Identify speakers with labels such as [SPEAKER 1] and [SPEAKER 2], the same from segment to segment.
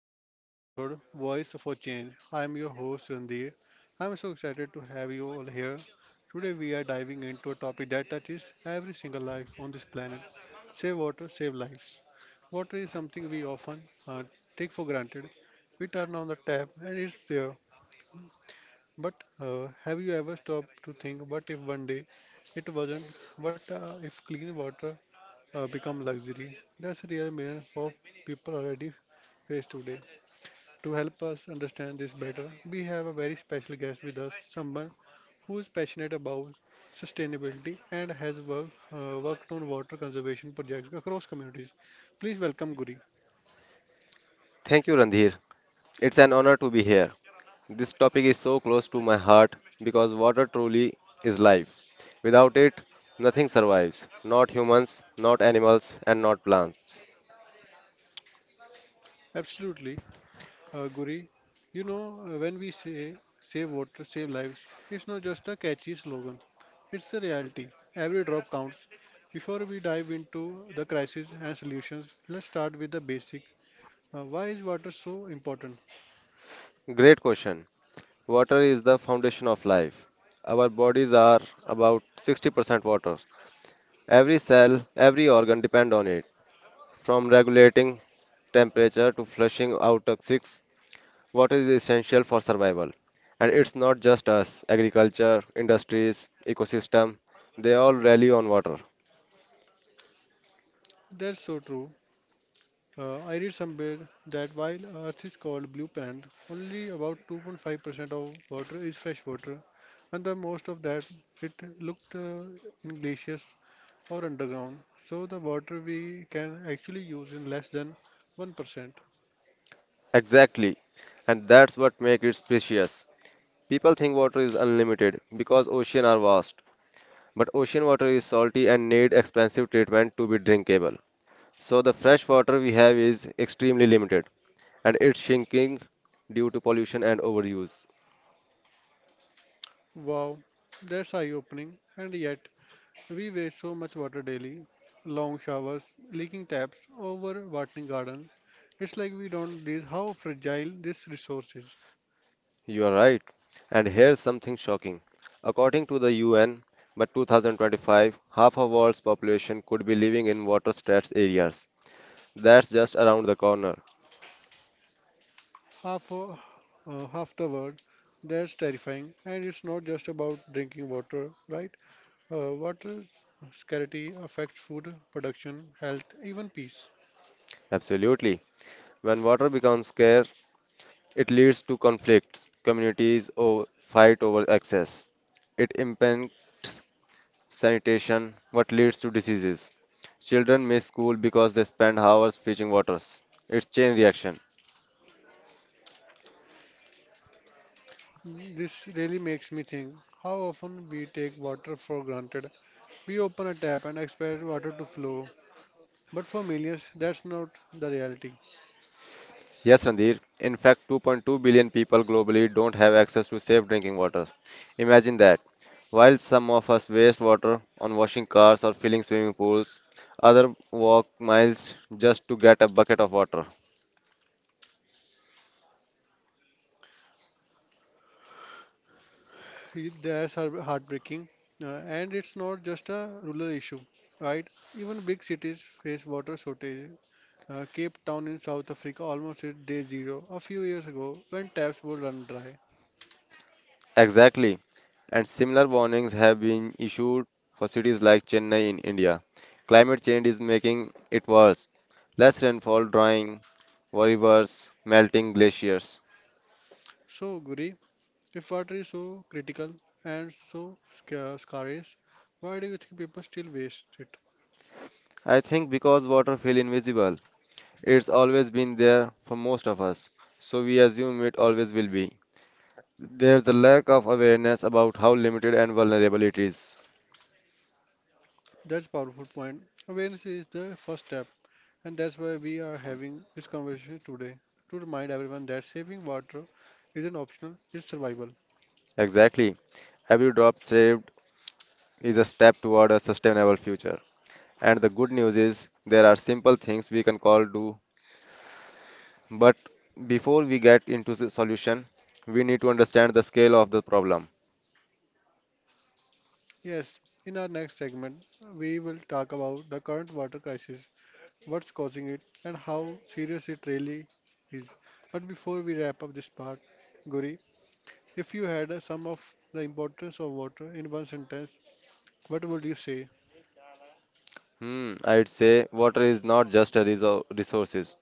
[SPEAKER 1] to today's episode Voice for Change. I am your host Randir. I am so excited to have you all here. Today we are diving into a topic that touches every single life on this planet. Save water, save lives. Water is something we often take for granted. We turn on the tap and it's there. But have you ever stopped to think what if one day it wasn't? What if clean water become luxury? That's a real millions of people already face today. To help us understand this better, we have a very special guest with us, someone who is passionate about sustainability and has worked on water conservation projects across communities. Please welcome Guri.
[SPEAKER 2] Thank you, Randhir. It's an honor to be here. This topic is so close to my heart because water truly is life. Without it, nothing survives, not humans, not animals, and not plants.
[SPEAKER 1] Absolutely, Guri. You know, when we say save water, save lives, it's not just a catchy slogan, it's a reality. Every drop counts. Before we dive into the crisis and solutions, let's start with the basics. Why is water so important?
[SPEAKER 2] Great question. Water is the foundation of life. Our bodies are about 60% water. Every cell, every organ depend on it. From regulating temperature to flushing out toxics, what is essential for survival. And it's not just us, agriculture, industries, ecosystem, they all rely on water.
[SPEAKER 1] That's so true. I read somewhere that while Earth is called blue planet, only about 2.5% of water is fresh water, and the most of that it looked in glaciers or underground. So the water we can actually use in less than 1%.
[SPEAKER 2] Exactly. And that's what makes it precious. People think water is unlimited because oceans are vast, but ocean water is salty and need expensive treatment to be drinkable. So the fresh water we have is extremely limited and it's shrinking due to pollution and overuse.
[SPEAKER 1] Wow, that's eye-opening, and yet we waste so much water daily. Long showers, leaking taps, over-watering garden. It's like we don't realize how fragile this resource is.
[SPEAKER 2] You are right. And here's something shocking. According to the UN, by 2025, half of world's population could be living in water-stressed areas. That's just around the corner.
[SPEAKER 1] half a, half the world. That's terrifying, and it's not just about drinking water, right? Water scarcity affects food production, health, even peace.
[SPEAKER 2] Absolutely. When water becomes scarce, it leads to conflicts. Fight over access. It impacts sanitation, what leads to diseases. Children miss school because they spend hours fetching waters. It's chain reaction.
[SPEAKER 1] This really makes me think how often we take water for granted. We open a tap and expect water to flow, but for millions, that's not the reality.
[SPEAKER 2] Yes, Randir. In fact, 2.2 billion people globally don't have access to safe drinking water. Imagine that. While some of us waste water on washing cars or filling swimming pools, others walk miles just to get a bucket of water.
[SPEAKER 1] That's heartbreaking, and it's not just a rural issue, right? Even big cities face water shortage. Cape Town in South Africa almost hit day zero a few years ago when taps would run dry.
[SPEAKER 2] Exactly. And similar warnings have been issued for cities like Chennai in India. Climate change is making it worse. Less rainfall, drying rivers, melting glaciers.
[SPEAKER 1] So, Guri, if water is so critical and so scarce, why do you think people still waste it?
[SPEAKER 2] I think because water feel invisible. It's always been there for most of us, so we assume it always will be. There's a lack of awareness about how limited and vulnerable it is.
[SPEAKER 1] That's a powerful point. Awareness is the first step, and that's why we are having this conversation today to remind everyone that saving water isn't optional, it's survival.
[SPEAKER 2] Exactly. Every drop saved is a step toward a sustainable future. And the good news is there are simple things we can all do. But before we get into the solution, we need to understand the scale of the problem.
[SPEAKER 1] Yes, in our next segment, we will talk about the current water crisis, what's causing it, and how serious it really is. But before we wrap up this part, Guri, if you had a sum of the importance of water in one sentence, what would you say?
[SPEAKER 2] I'd say water is not just a resources.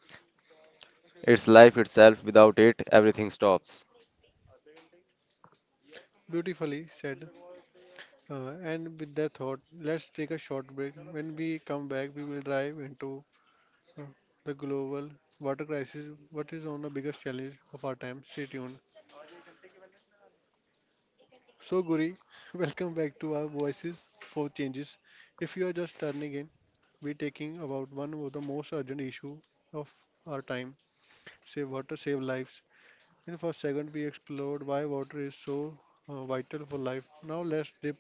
[SPEAKER 2] It's life itself. Without it, everything stops.
[SPEAKER 1] Beautifully said. And with that thought, let's take a short break. When we come back, we will dive into uh, the global water crisis, what is on the biggest challenge of our time. Stay tuned. So, Guri, welcome back to our Voices for Changes. If you are just turning in, we're taking about one of the most urgent issue of our time: save water, save lives. In the first segment, we explored why water is so vital for life. Now let's dip,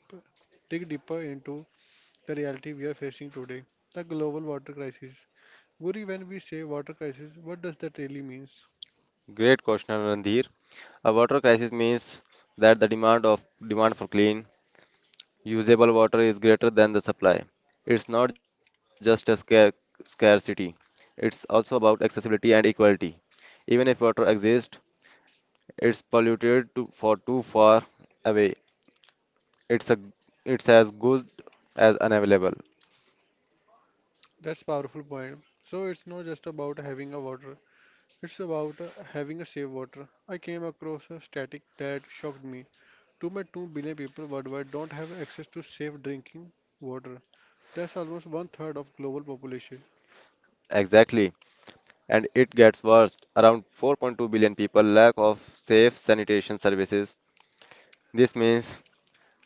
[SPEAKER 1] dig deeper into the reality we are facing today: the global water crisis. Guri, when we say water crisis, what does that really means?
[SPEAKER 2] Great question, Randhir. A water crisis means that the demand of demand for clean, usable water is greater than the supply. It's not just a scarcity. It's also about accessibility and equality. Even if water exists, it's polluted to, for too far away. It's a it's as good as unavailable.
[SPEAKER 1] That's powerful point. So it's not just about having a water; it's about having a safe water. I came across a static that shocked me. 2.2 billion people worldwide don't have access to safe drinking water. That's almost one third of global population.
[SPEAKER 2] Exactly. And it gets worse. Around 4.2 billion people lack of safe sanitation services. This means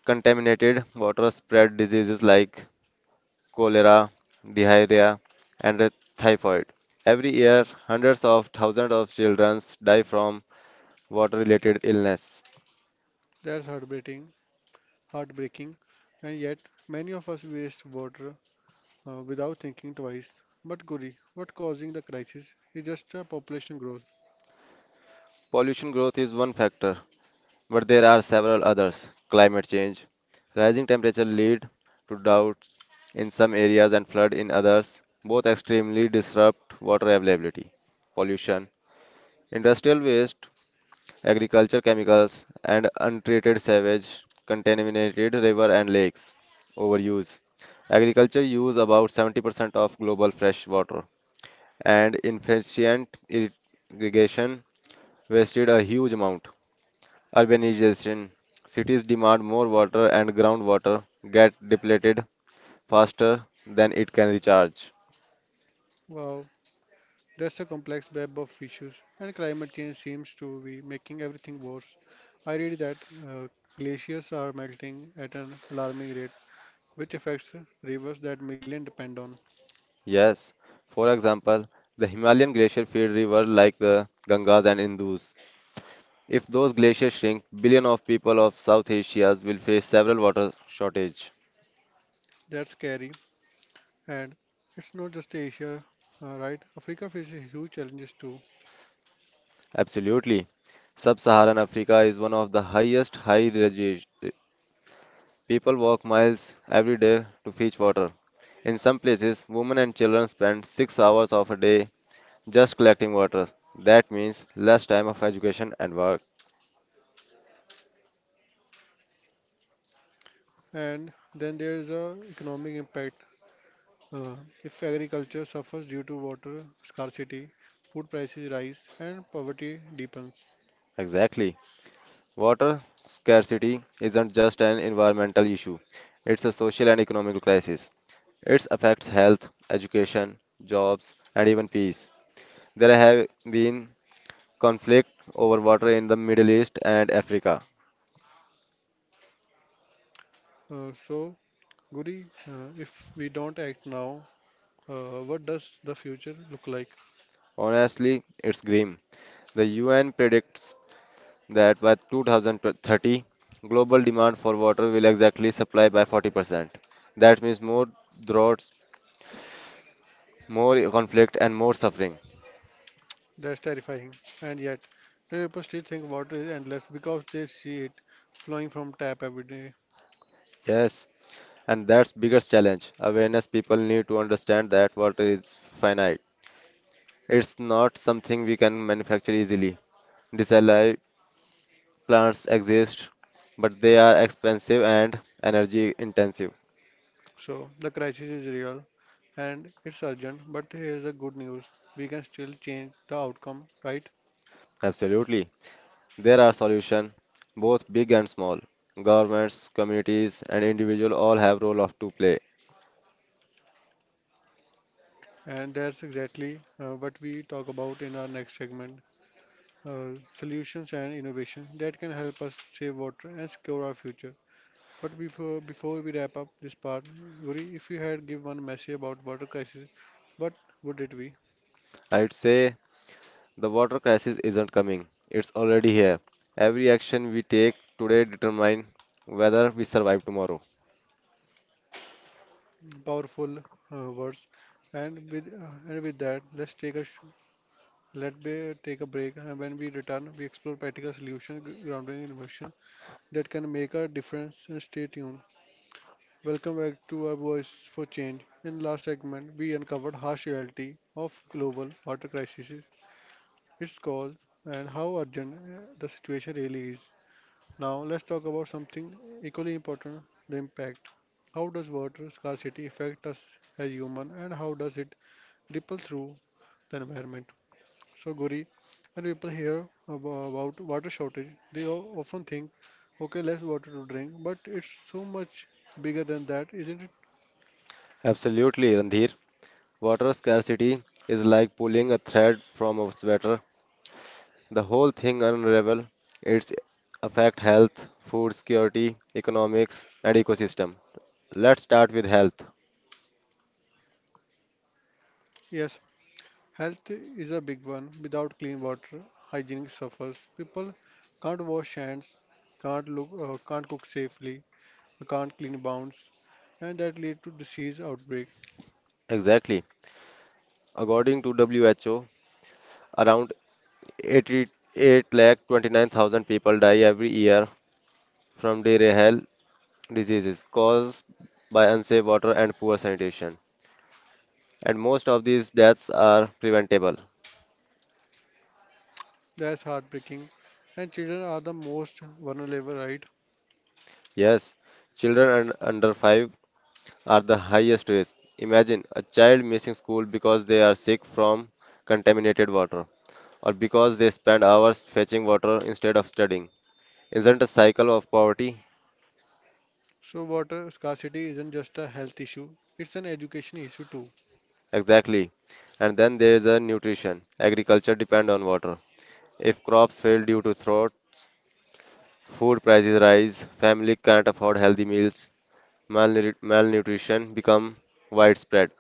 [SPEAKER 2] contaminated water spread diseases like cholera, diarrhea, and typhoid. Every year, hundreds of thousands of children die from water-related illness.
[SPEAKER 1] That's heartbreaking, and yet many of us waste water without thinking twice. But Guri, what causing the crisis is just a population growth.
[SPEAKER 2] Pollution growth is one factor, but there are several others. Climate change, rising temperature lead to droughts in some areas and flood in others, both extremely disrupt water availability. Pollution, industrial waste agriculture chemicals, and untreated sewage contaminated river and lakes. Overuse. Agriculture use about 70% of global fresh water, and inefficient irrigation wasted a huge amount. Urbanization. Cities demand more water and groundwater get depleted faster than it can recharge.
[SPEAKER 1] Wow, that's a complex web of issues, and climate change seems to be making everything worse. I read that uh, glaciers are melting at an alarming rate, which affects rivers that millions depend on.
[SPEAKER 2] Yes, for example, the Himalayan glacier feed rivers like the Gangas and Indus. If those glaciers shrink, billion of people of South Asia will face several water shortage.
[SPEAKER 1] That's scary. And it's not just Asia, right? Africa faces huge challenges too.
[SPEAKER 2] Absolutely. Sub-Saharan Africa is one of the highest high regi- People walk miles every day to fetch water. In some places, women and children spend 6 hours of a day just collecting water. That means less time of education and work.
[SPEAKER 1] And then there is a economic impact. Uh, if agriculture suffers due to water scarcity, food prices rise, and poverty deepens.
[SPEAKER 2] Exactly. Water scarcity isn't just an environmental issue. It's a social and economic crisis. It affects health, education, jobs, and even peace. There have been conflict over water in the Middle East and Africa.
[SPEAKER 1] So, Guri, if we don't act now, what does the future look like?
[SPEAKER 2] Honestly, it's grim. The UN predicts that by 2030, global demand for water will exactly supply by 40%. That means more droughts, more conflict, and more suffering.
[SPEAKER 1] That's terrifying. And yet, many people still think water is endless because they see it flowing from tap every day.
[SPEAKER 2] Yes, and that's biggest challenge. Awareness people need to understand that water is finite. It's not something we can manufacture easily. Disallowed plants exist, but they are expensive and energy intensive.
[SPEAKER 1] So, the crisis is real and it's urgent, but here's the good news. We can still change the outcome, right?
[SPEAKER 2] Absolutely. There are solutions, both big and small. Governments, communities, and individuals all have role of to play.
[SPEAKER 1] And that's exactly what we talk about in our next segment, solutions and innovation that can help us save water and secure our future. But before we wrap up this part, Guri, if you had give one message about water crisis, what would it be?
[SPEAKER 2] I'd say the water crisis isn't coming. It's already here. Every action we take today determines whether we survive tomorrow.
[SPEAKER 1] Powerful words. And with that, let's let me take a break. And when we return, we explore practical solutions grounded in emotion that can make a difference and stay tuned. Welcome back to our Voice for Change. In last segment, we uncovered harsh reality of global water crisis, its cause, and how urgent the situation really is. Now let's talk about something equally important, the impact. How does water scarcity affect us as human and how does it ripple through the environment? So, Guri, when people hear about water shortage, they often think, okay, less water to drink, but it's so much bigger than that, isn't it?
[SPEAKER 2] Absolutely, Randhir. Water scarcity is like pulling a thread from a sweater. The whole thing unravel. It's affect health, food security, economics, and ecosystem. Let's start with health.
[SPEAKER 1] Yes, health is a big one. Without clean water, hygiene suffers. People can't wash hands, can't cook safely, can't clean bounds, and that lead to disease outbreak.
[SPEAKER 2] Exactly. According to WHO, around 88 lakh 29,000 people die every year from diarrheal diseases caused by unsafe water and poor sanitation. And most of these deaths are preventable.
[SPEAKER 1] That's heartbreaking. And children are the most vulnerable, right?
[SPEAKER 2] Yes, under 5 are the highest risk. Imagine a child missing school because they are sick from contaminated water or because they spend hours fetching water instead of studying. Isn't a cycle of poverty?
[SPEAKER 1] So water scarcity isn't just a health issue; it's an education issue too.
[SPEAKER 2] Exactly. And then there is a nutrition. Agriculture depend on water. If crops fail due to droughts, food prices rise, family can't afford healthy meals, malnutrition become widespread.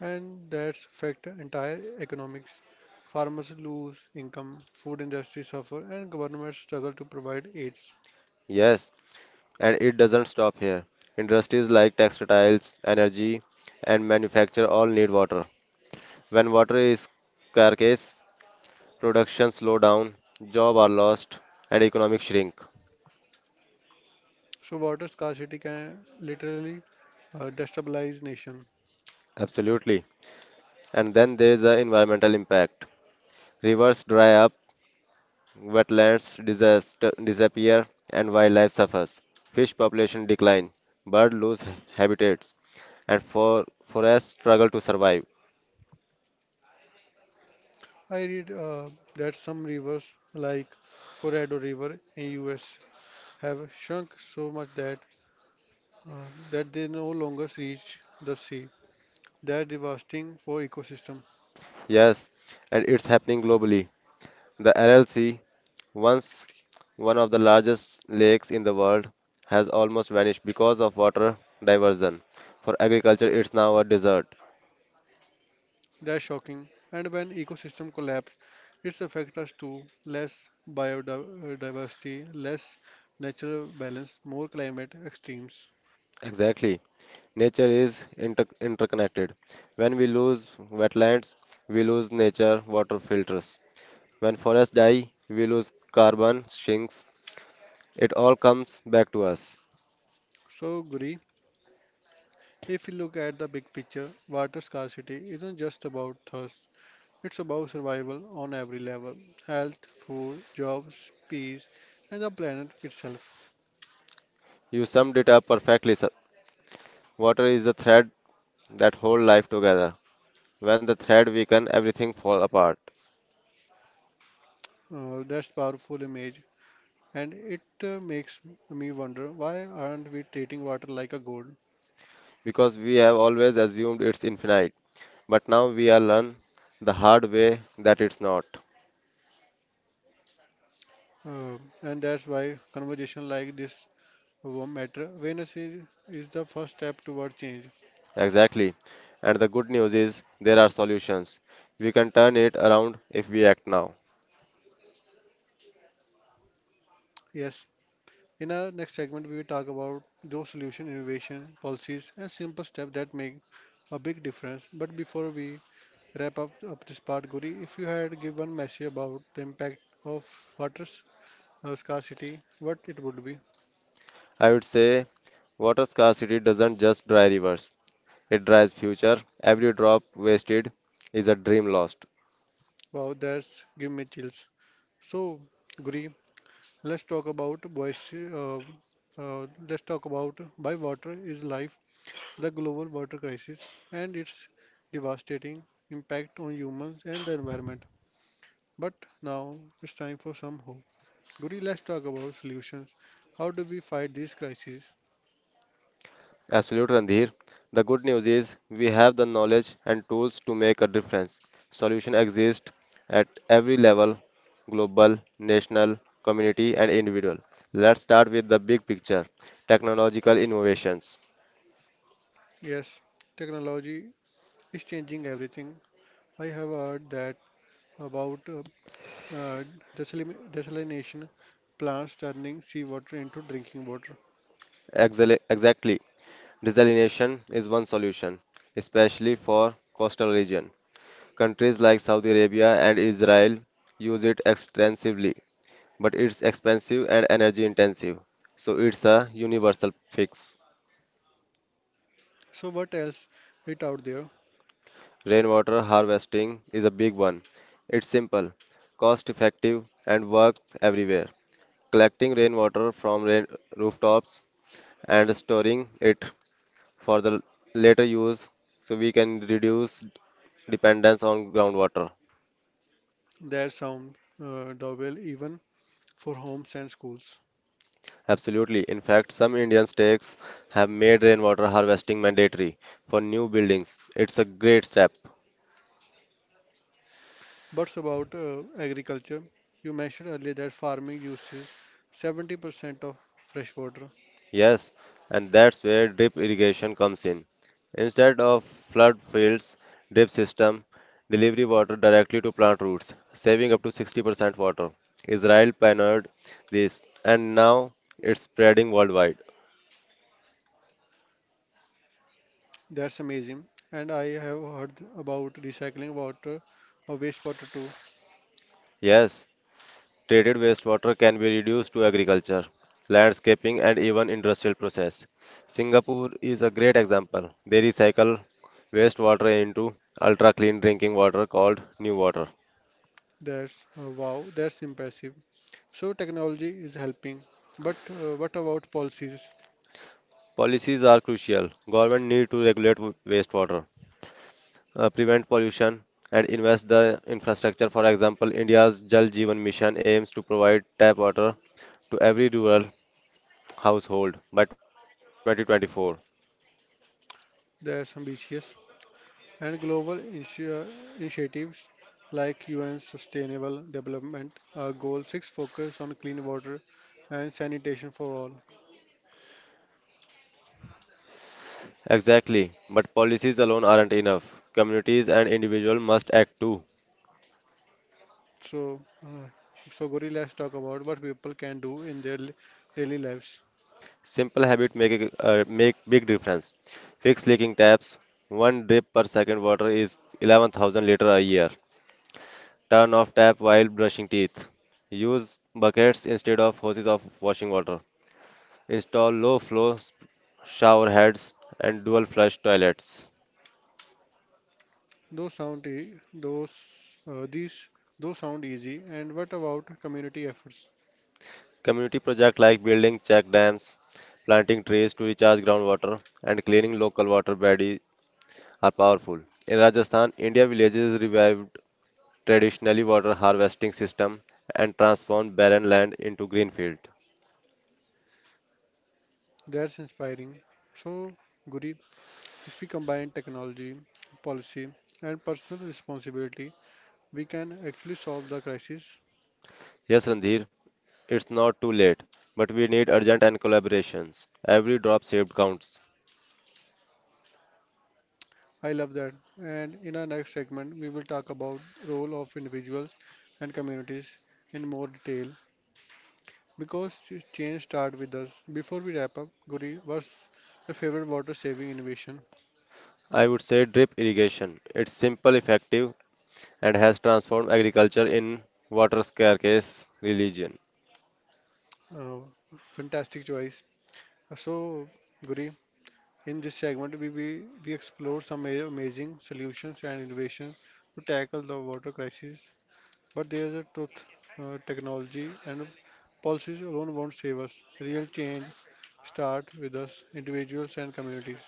[SPEAKER 1] And that's affect entire economics. Farmers lose income, food industry suffer, and governments struggle to provide aids.
[SPEAKER 2] Yes, and it doesn't stop here. Industries like textiles, energy, and manufacture all need water. When water is scarce, production slow down, jobs are lost, and economic shrink.
[SPEAKER 1] So water scarcity can literally destabilize nation.
[SPEAKER 2] Absolutely. And then there is the environmental impact. Rivers dry up, wetlands disappear, and wildlife suffers. Fish population decline, birds lose habitats, and for forests struggle to survive.
[SPEAKER 1] I read that some rivers like Colorado River in U.S. have shrunk so much that they no longer reach the sea. That's devastating for ecosystem.
[SPEAKER 2] Yes, and it's happening globally. The LLC, once one of the largest lakes in the world, has almost vanished because of water diversion. For agriculture, it's now a desert.
[SPEAKER 1] That's shocking, and when ecosystem collapse, it affects us too. Less biodiversity, less natural balance, more climate extremes.
[SPEAKER 2] Exactly. Nature is interconnected. When we lose wetlands, we lose nature water filters. When forests die, we lose carbon sinks. It all comes back to us.
[SPEAKER 1] So, Guri, if you look at the big picture, water scarcity isn't just about thirst. It's about survival on every level: health, food, jobs, peace, and the planet itself.
[SPEAKER 2] You summed it up perfectly, sir. Water is the thread that holds life together. When the thread weakens, everything falls apart.
[SPEAKER 1] That's powerful image, and it makes me wonder why aren't we treating water like a gold?
[SPEAKER 2] Because we have always assumed it's infinite. But now we are learn the hard way that it's not.
[SPEAKER 1] Uh, and that's why conversation like this matter. Awareness is the first step toward change.
[SPEAKER 2] Exactly. And the good news is there are solutions. We can turn it around if we act now.
[SPEAKER 1] Yes. In our next segment, we will talk about those solution, innovation, policies, and simple steps that make a big difference. But before we wrap up this part, Guri, if you had give one message about the impact of water scarcity, what it would be?
[SPEAKER 2] I would say water scarcity doesn't just dry rivers. It dries future. Every drop wasted is a dream lost.
[SPEAKER 1] Wow, that's give me chills. So, Guri, let's talk about voice. Let's talk about by water is life, the global water crisis and its devastating impact on humans and the environment. But now it's time for some hope. Guri, let's talk about solutions. How do we fight these crises?
[SPEAKER 2] Absolute Randhir. The good news is we have the knowledge and tools to make a difference. Solution exist at every level, global, national, community and individual. Let's start with the big picture, technological innovations.
[SPEAKER 1] Yes, technology is changing everything. I have heard that about uh, desalination plants turning seawater into drinking water.
[SPEAKER 2] Exactly. Desalination is one solution, especially for coastal region. Countries like Saudi Arabia and Israel use it extensively, but it's expensive and energy intensive, so it's a universal fix.
[SPEAKER 1] So what else is out there?
[SPEAKER 2] Rainwater harvesting is a big one. It's simple, cost effective, and works everywhere. Collecting rainwater from rain rooftops and storing it for the later use so we can reduce dependence on groundwater.
[SPEAKER 1] That sound doorbell even for homes and schools.
[SPEAKER 2] Absolutely. In fact, some Indian states have made rainwater harvesting mandatory for new buildings. It's a great step.
[SPEAKER 1] What's about agriculture? You mentioned earlier that farming uses 70% of fresh water.
[SPEAKER 2] Yes, and that's where drip irrigation comes in. Instead of flood fields, drip system delivery water directly to plant roots, saving up to 60% water. Israel pioneered this, and now it's spreading worldwide.
[SPEAKER 1] That's amazing. And I have heard about recycling water or wastewater too.
[SPEAKER 2] Yes, treated wastewater can be reduced to agriculture, landscaping, and even industrial process. Singapore is a great example. They recycle wastewater into ultra clean drinking water called New Water.
[SPEAKER 1] That's wow, that's impressive. So technology is helping. But what about policies?
[SPEAKER 2] Policies are crucial. Government need to regulate wastewater, prevent pollution, and invest the infrastructure. For example, India's Jal Jeevan Mission aims to provide tap water to every rural household by 2024.
[SPEAKER 1] That's ambitious. And global initiatives like UN Sustainable Development Goal 6 focus on clean water and sanitation for all.
[SPEAKER 2] Exactly, but policies alone aren't enough. Communities and individuals must act too.
[SPEAKER 1] So, uh, so, Gauri, let's talk about what people can do in their daily lives.
[SPEAKER 2] Simple habits make big difference. Fix leaking taps. One drip per second water is 11,000 liter a year. Turn off tap while brushing teeth. Use buckets instead of hoses of washing water. Install low flow shower heads and dual flush toilets.
[SPEAKER 1] Those sound e- those these those sound easy. And what about community efforts?
[SPEAKER 2] Community projects like building check dams, planting trees to recharge groundwater, and cleaning local water bodies are powerful. In Rajasthan, India villages revived traditionally water harvesting system and transformed barren land into green field.
[SPEAKER 1] That's inspiring. So, Guri, if we combine technology, policy, and personal responsibility, we can actually solve the crisis.
[SPEAKER 2] Yes, Randhir, it's not too late, but we need urgent and collaborations. Every drop saved counts.
[SPEAKER 1] I love that. And in our next segment, we will talk about role of individuals and communities in more detail. Because change start with us. Before we wrap up, Guri, what's your favorite water saving innovation?
[SPEAKER 2] I would say drip irrigation. It's simple, effective, and has transformed agriculture in water scarce religion.
[SPEAKER 1] Uh, fantastic choice. So, Guri, in this segment, we explore some amazing solutions and innovations to tackle the water crisis. But there's a truth, technology and policies alone won't save us. Real change starts with us, individuals and communities.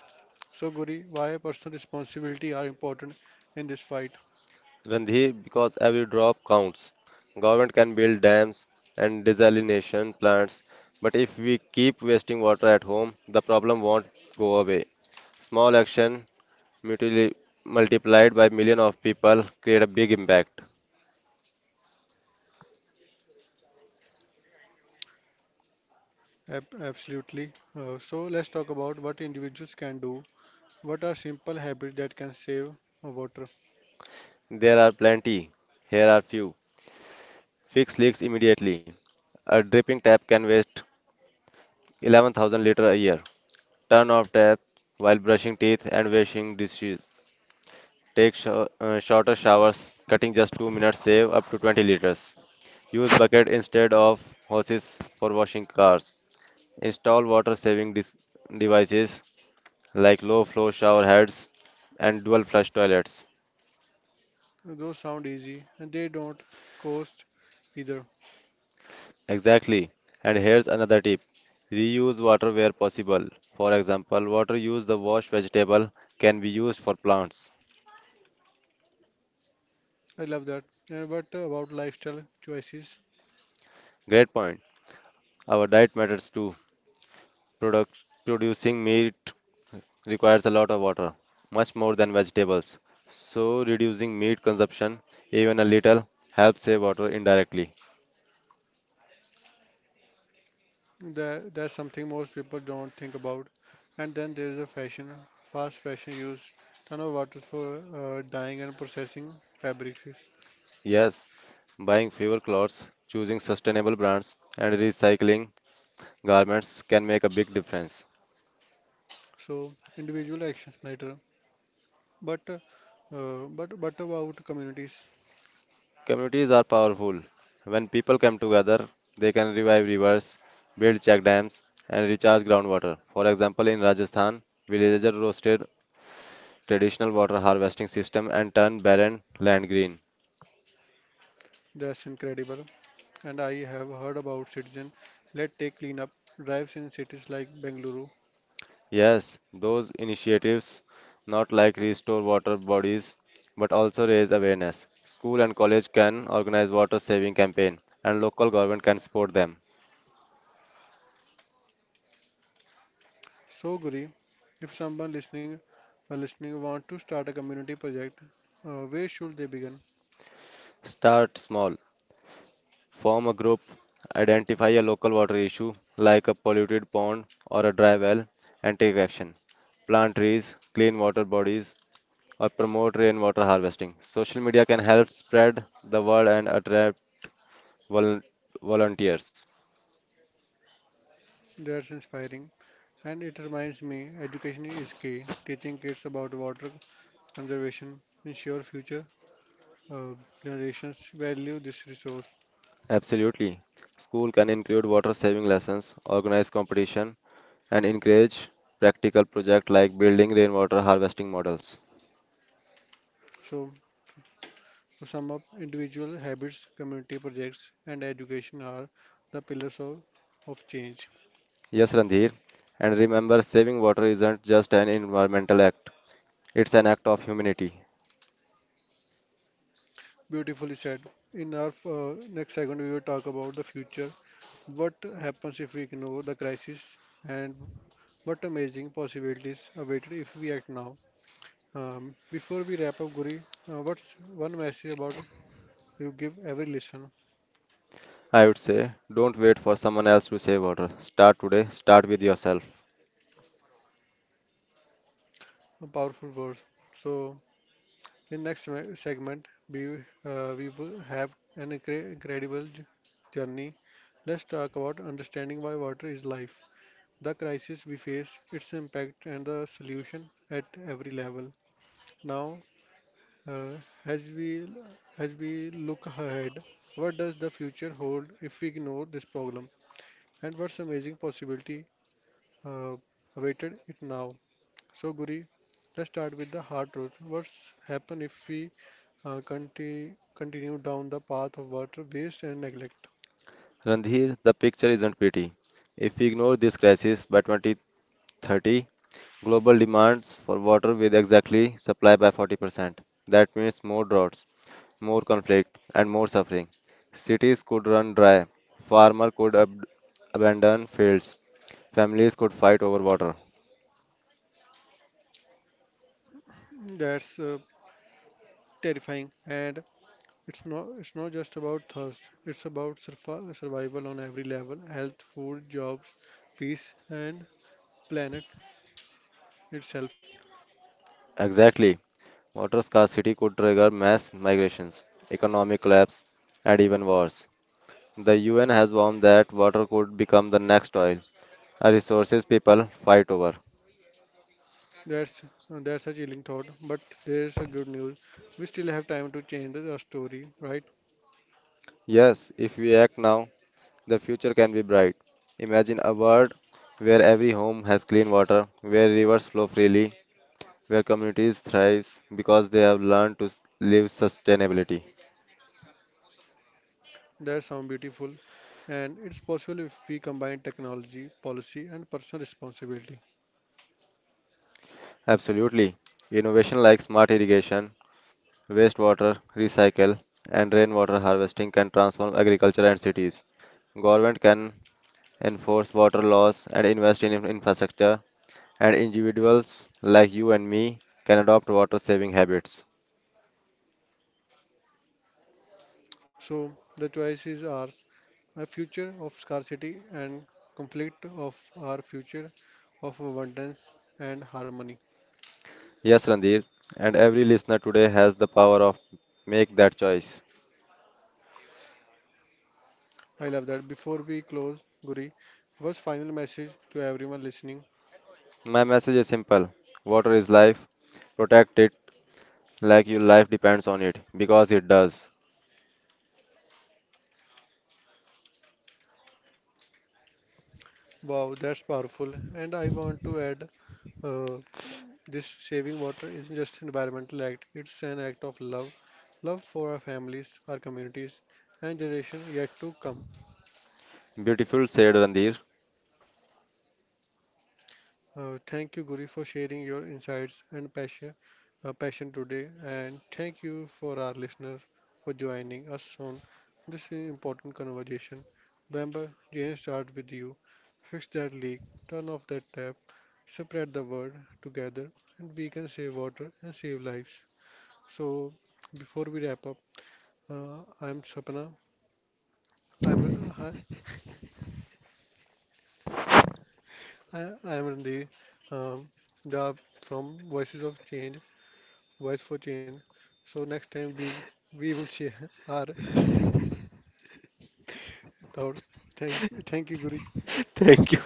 [SPEAKER 1] So, Guri, why personal responsibility are important in this fight?
[SPEAKER 2] Randhir, because every drop counts. Government can build dams and desalination plants, but if we keep wasting water at home, the problem won't go away. Small action mutili- multiplied by million of people create a big impact.
[SPEAKER 1] Absolutely. So, let's talk about what individuals can do. What are simple habits that can save water?
[SPEAKER 2] There are plenty. Here are few. Fix leaks immediately. A dripping tap can waste 11,000 liters a year. Turn off tap while brushing teeth and washing dishes. Take shorter showers, cutting just 2 minutes save up to 20 liters. Use bucket instead of hoses for washing cars. Install water saving devices like low flow shower heads and dual flush toilets.
[SPEAKER 1] Those sound easy and they don't cost either.
[SPEAKER 2] Exactly. And here's another tip. Reuse water where possible. For example, water used to wash vegetable can be used for plants.
[SPEAKER 1] I love that. And what about lifestyle choices?
[SPEAKER 2] Great point. Our diet matters too. Product, producing meat requires a lot of water, much more than vegetables. So reducing meat consumption, even a little, helps save water indirectly.
[SPEAKER 1] That's something most people don't think about. And then there's a fashion, fast fashion use ton of water for dyeing and processing fabrics.
[SPEAKER 2] Yes, buying fewer clothes, choosing sustainable brands, and recycling garments can make a big difference.
[SPEAKER 1] So individual actions matter. But uh, but about communities,
[SPEAKER 2] Communities are powerful. When people come together, they can revive rivers, build check dams, and recharge groundwater. For example, in Rajasthan, villagers roasted traditional water harvesting system and turned barren land green.
[SPEAKER 1] that's incredible. And I have heard about citizen led tech cleanup drives in cities like Bengaluru.
[SPEAKER 2] Yes, those initiatives not like restore water bodies but also raise awareness. School and college can organize water saving campaign and local government can support them.
[SPEAKER 1] So, Guri, if someone listening want to start a community project, where should they begin?
[SPEAKER 2] Start small. Form a group, identify a local water issue like a polluted pond or a dry well, and take action. Plant trees, clean water bodies, or promote rainwater harvesting. Social media can help spread the word and attract volun- volunteers.
[SPEAKER 1] That's inspiring. And it reminds me, education is key. Teaching kids about water conservation ensure future uh, generations value this resource.
[SPEAKER 2] Absolutely. School can include water saving lessons, organize competition, and encourage practical projects like building rainwater harvesting models.
[SPEAKER 1] So, to sum up, individual habits, community projects, and education are the pillars of change.
[SPEAKER 2] Yes, Randhir. And remember, saving water isn't just an environmental act. It's an act of humanity.
[SPEAKER 1] Beautifully said. In our next segment, we will talk about the future. What happens if we ignore the crisis, and what amazing possibilities await if we act now. Before we wrap up, Guri, what's one message about you give every listener?
[SPEAKER 2] I would say, don't wait for someone else to save water. Start today, start with yourself.
[SPEAKER 1] A powerful words. So, in next segment, we will have an incredible journey. Let's talk about understanding why water is life, the crisis we face, its impact, and the solution at every level. Now, uh, as we as we look ahead, what does the future hold if we ignore this problem, and what's amazing possibility uh, awaited it now? So, Guri, let's start with the hard truth. What's happen if we continue down the path of water waste and neglect?
[SPEAKER 2] Randhir, the picture isn't pretty. If we ignore this crisis by 2030, global demands for water will exactly supply by 40%. That means more droughts, more conflict, and more suffering. Cities could run dry, farmers could ab- abandon fields, families could fight over water.
[SPEAKER 1] That's terrifying, and it's not just about thirst. It's about survival on every level: health, food, jobs, peace, and planet itself.
[SPEAKER 2] Exactly. Water scarcity could trigger mass migrations, economic collapse, and even wars. The UN has warned that water could become the next oil, a resources people fight over.
[SPEAKER 1] That's that's a chilling thought, but there's a good news. We still have time to change the story, right?
[SPEAKER 2] Yes, if we act now, the future can be bright. Imagine a world where every home has clean water, where rivers flow freely, where communities thrive because they have learned to live sustainability.
[SPEAKER 1] That sounds beautiful, and it's possible if we combine technology, policy, and personal responsibility.
[SPEAKER 2] Absolutely. Innovation like smart irrigation wastewater recycle and rainwater harvesting can transform agriculture and cities. Government can enforce water laws and invest in infrastructure, and individuals like you and me can adopt water saving habits.
[SPEAKER 1] So the choice is ours: a future of scarcity and conflict of our future of abundance and harmony.
[SPEAKER 2] Yes, Randir, and every listener today has the power of make that choice.
[SPEAKER 1] I love that. Before we close, Guri, was final message to everyone listening?
[SPEAKER 2] My message is simple. Water is life. Protect it like your life depends on it because it does.
[SPEAKER 1] Wow, that's powerful. And I want to add, uh, this saving water isn't just an environmental act; it's an act of love, love for our families, our communities, and generation yet to come.
[SPEAKER 2] Beautiful said Randir.
[SPEAKER 1] Thank you, Guri, for sharing your insights and passion today. And thank you for our listeners for joining us on this important conversation. Remember, change starts with you. Fix that leak, turn off that tap, spread the word together, and we can save water and save lives. So, before we wrap up, I'm Sapna. I'm uh, hi, I'm Randeer, um, Jha from Voices of Change voice for change. So next time we will share our thought. Thank you, Guru.
[SPEAKER 2] Thank you.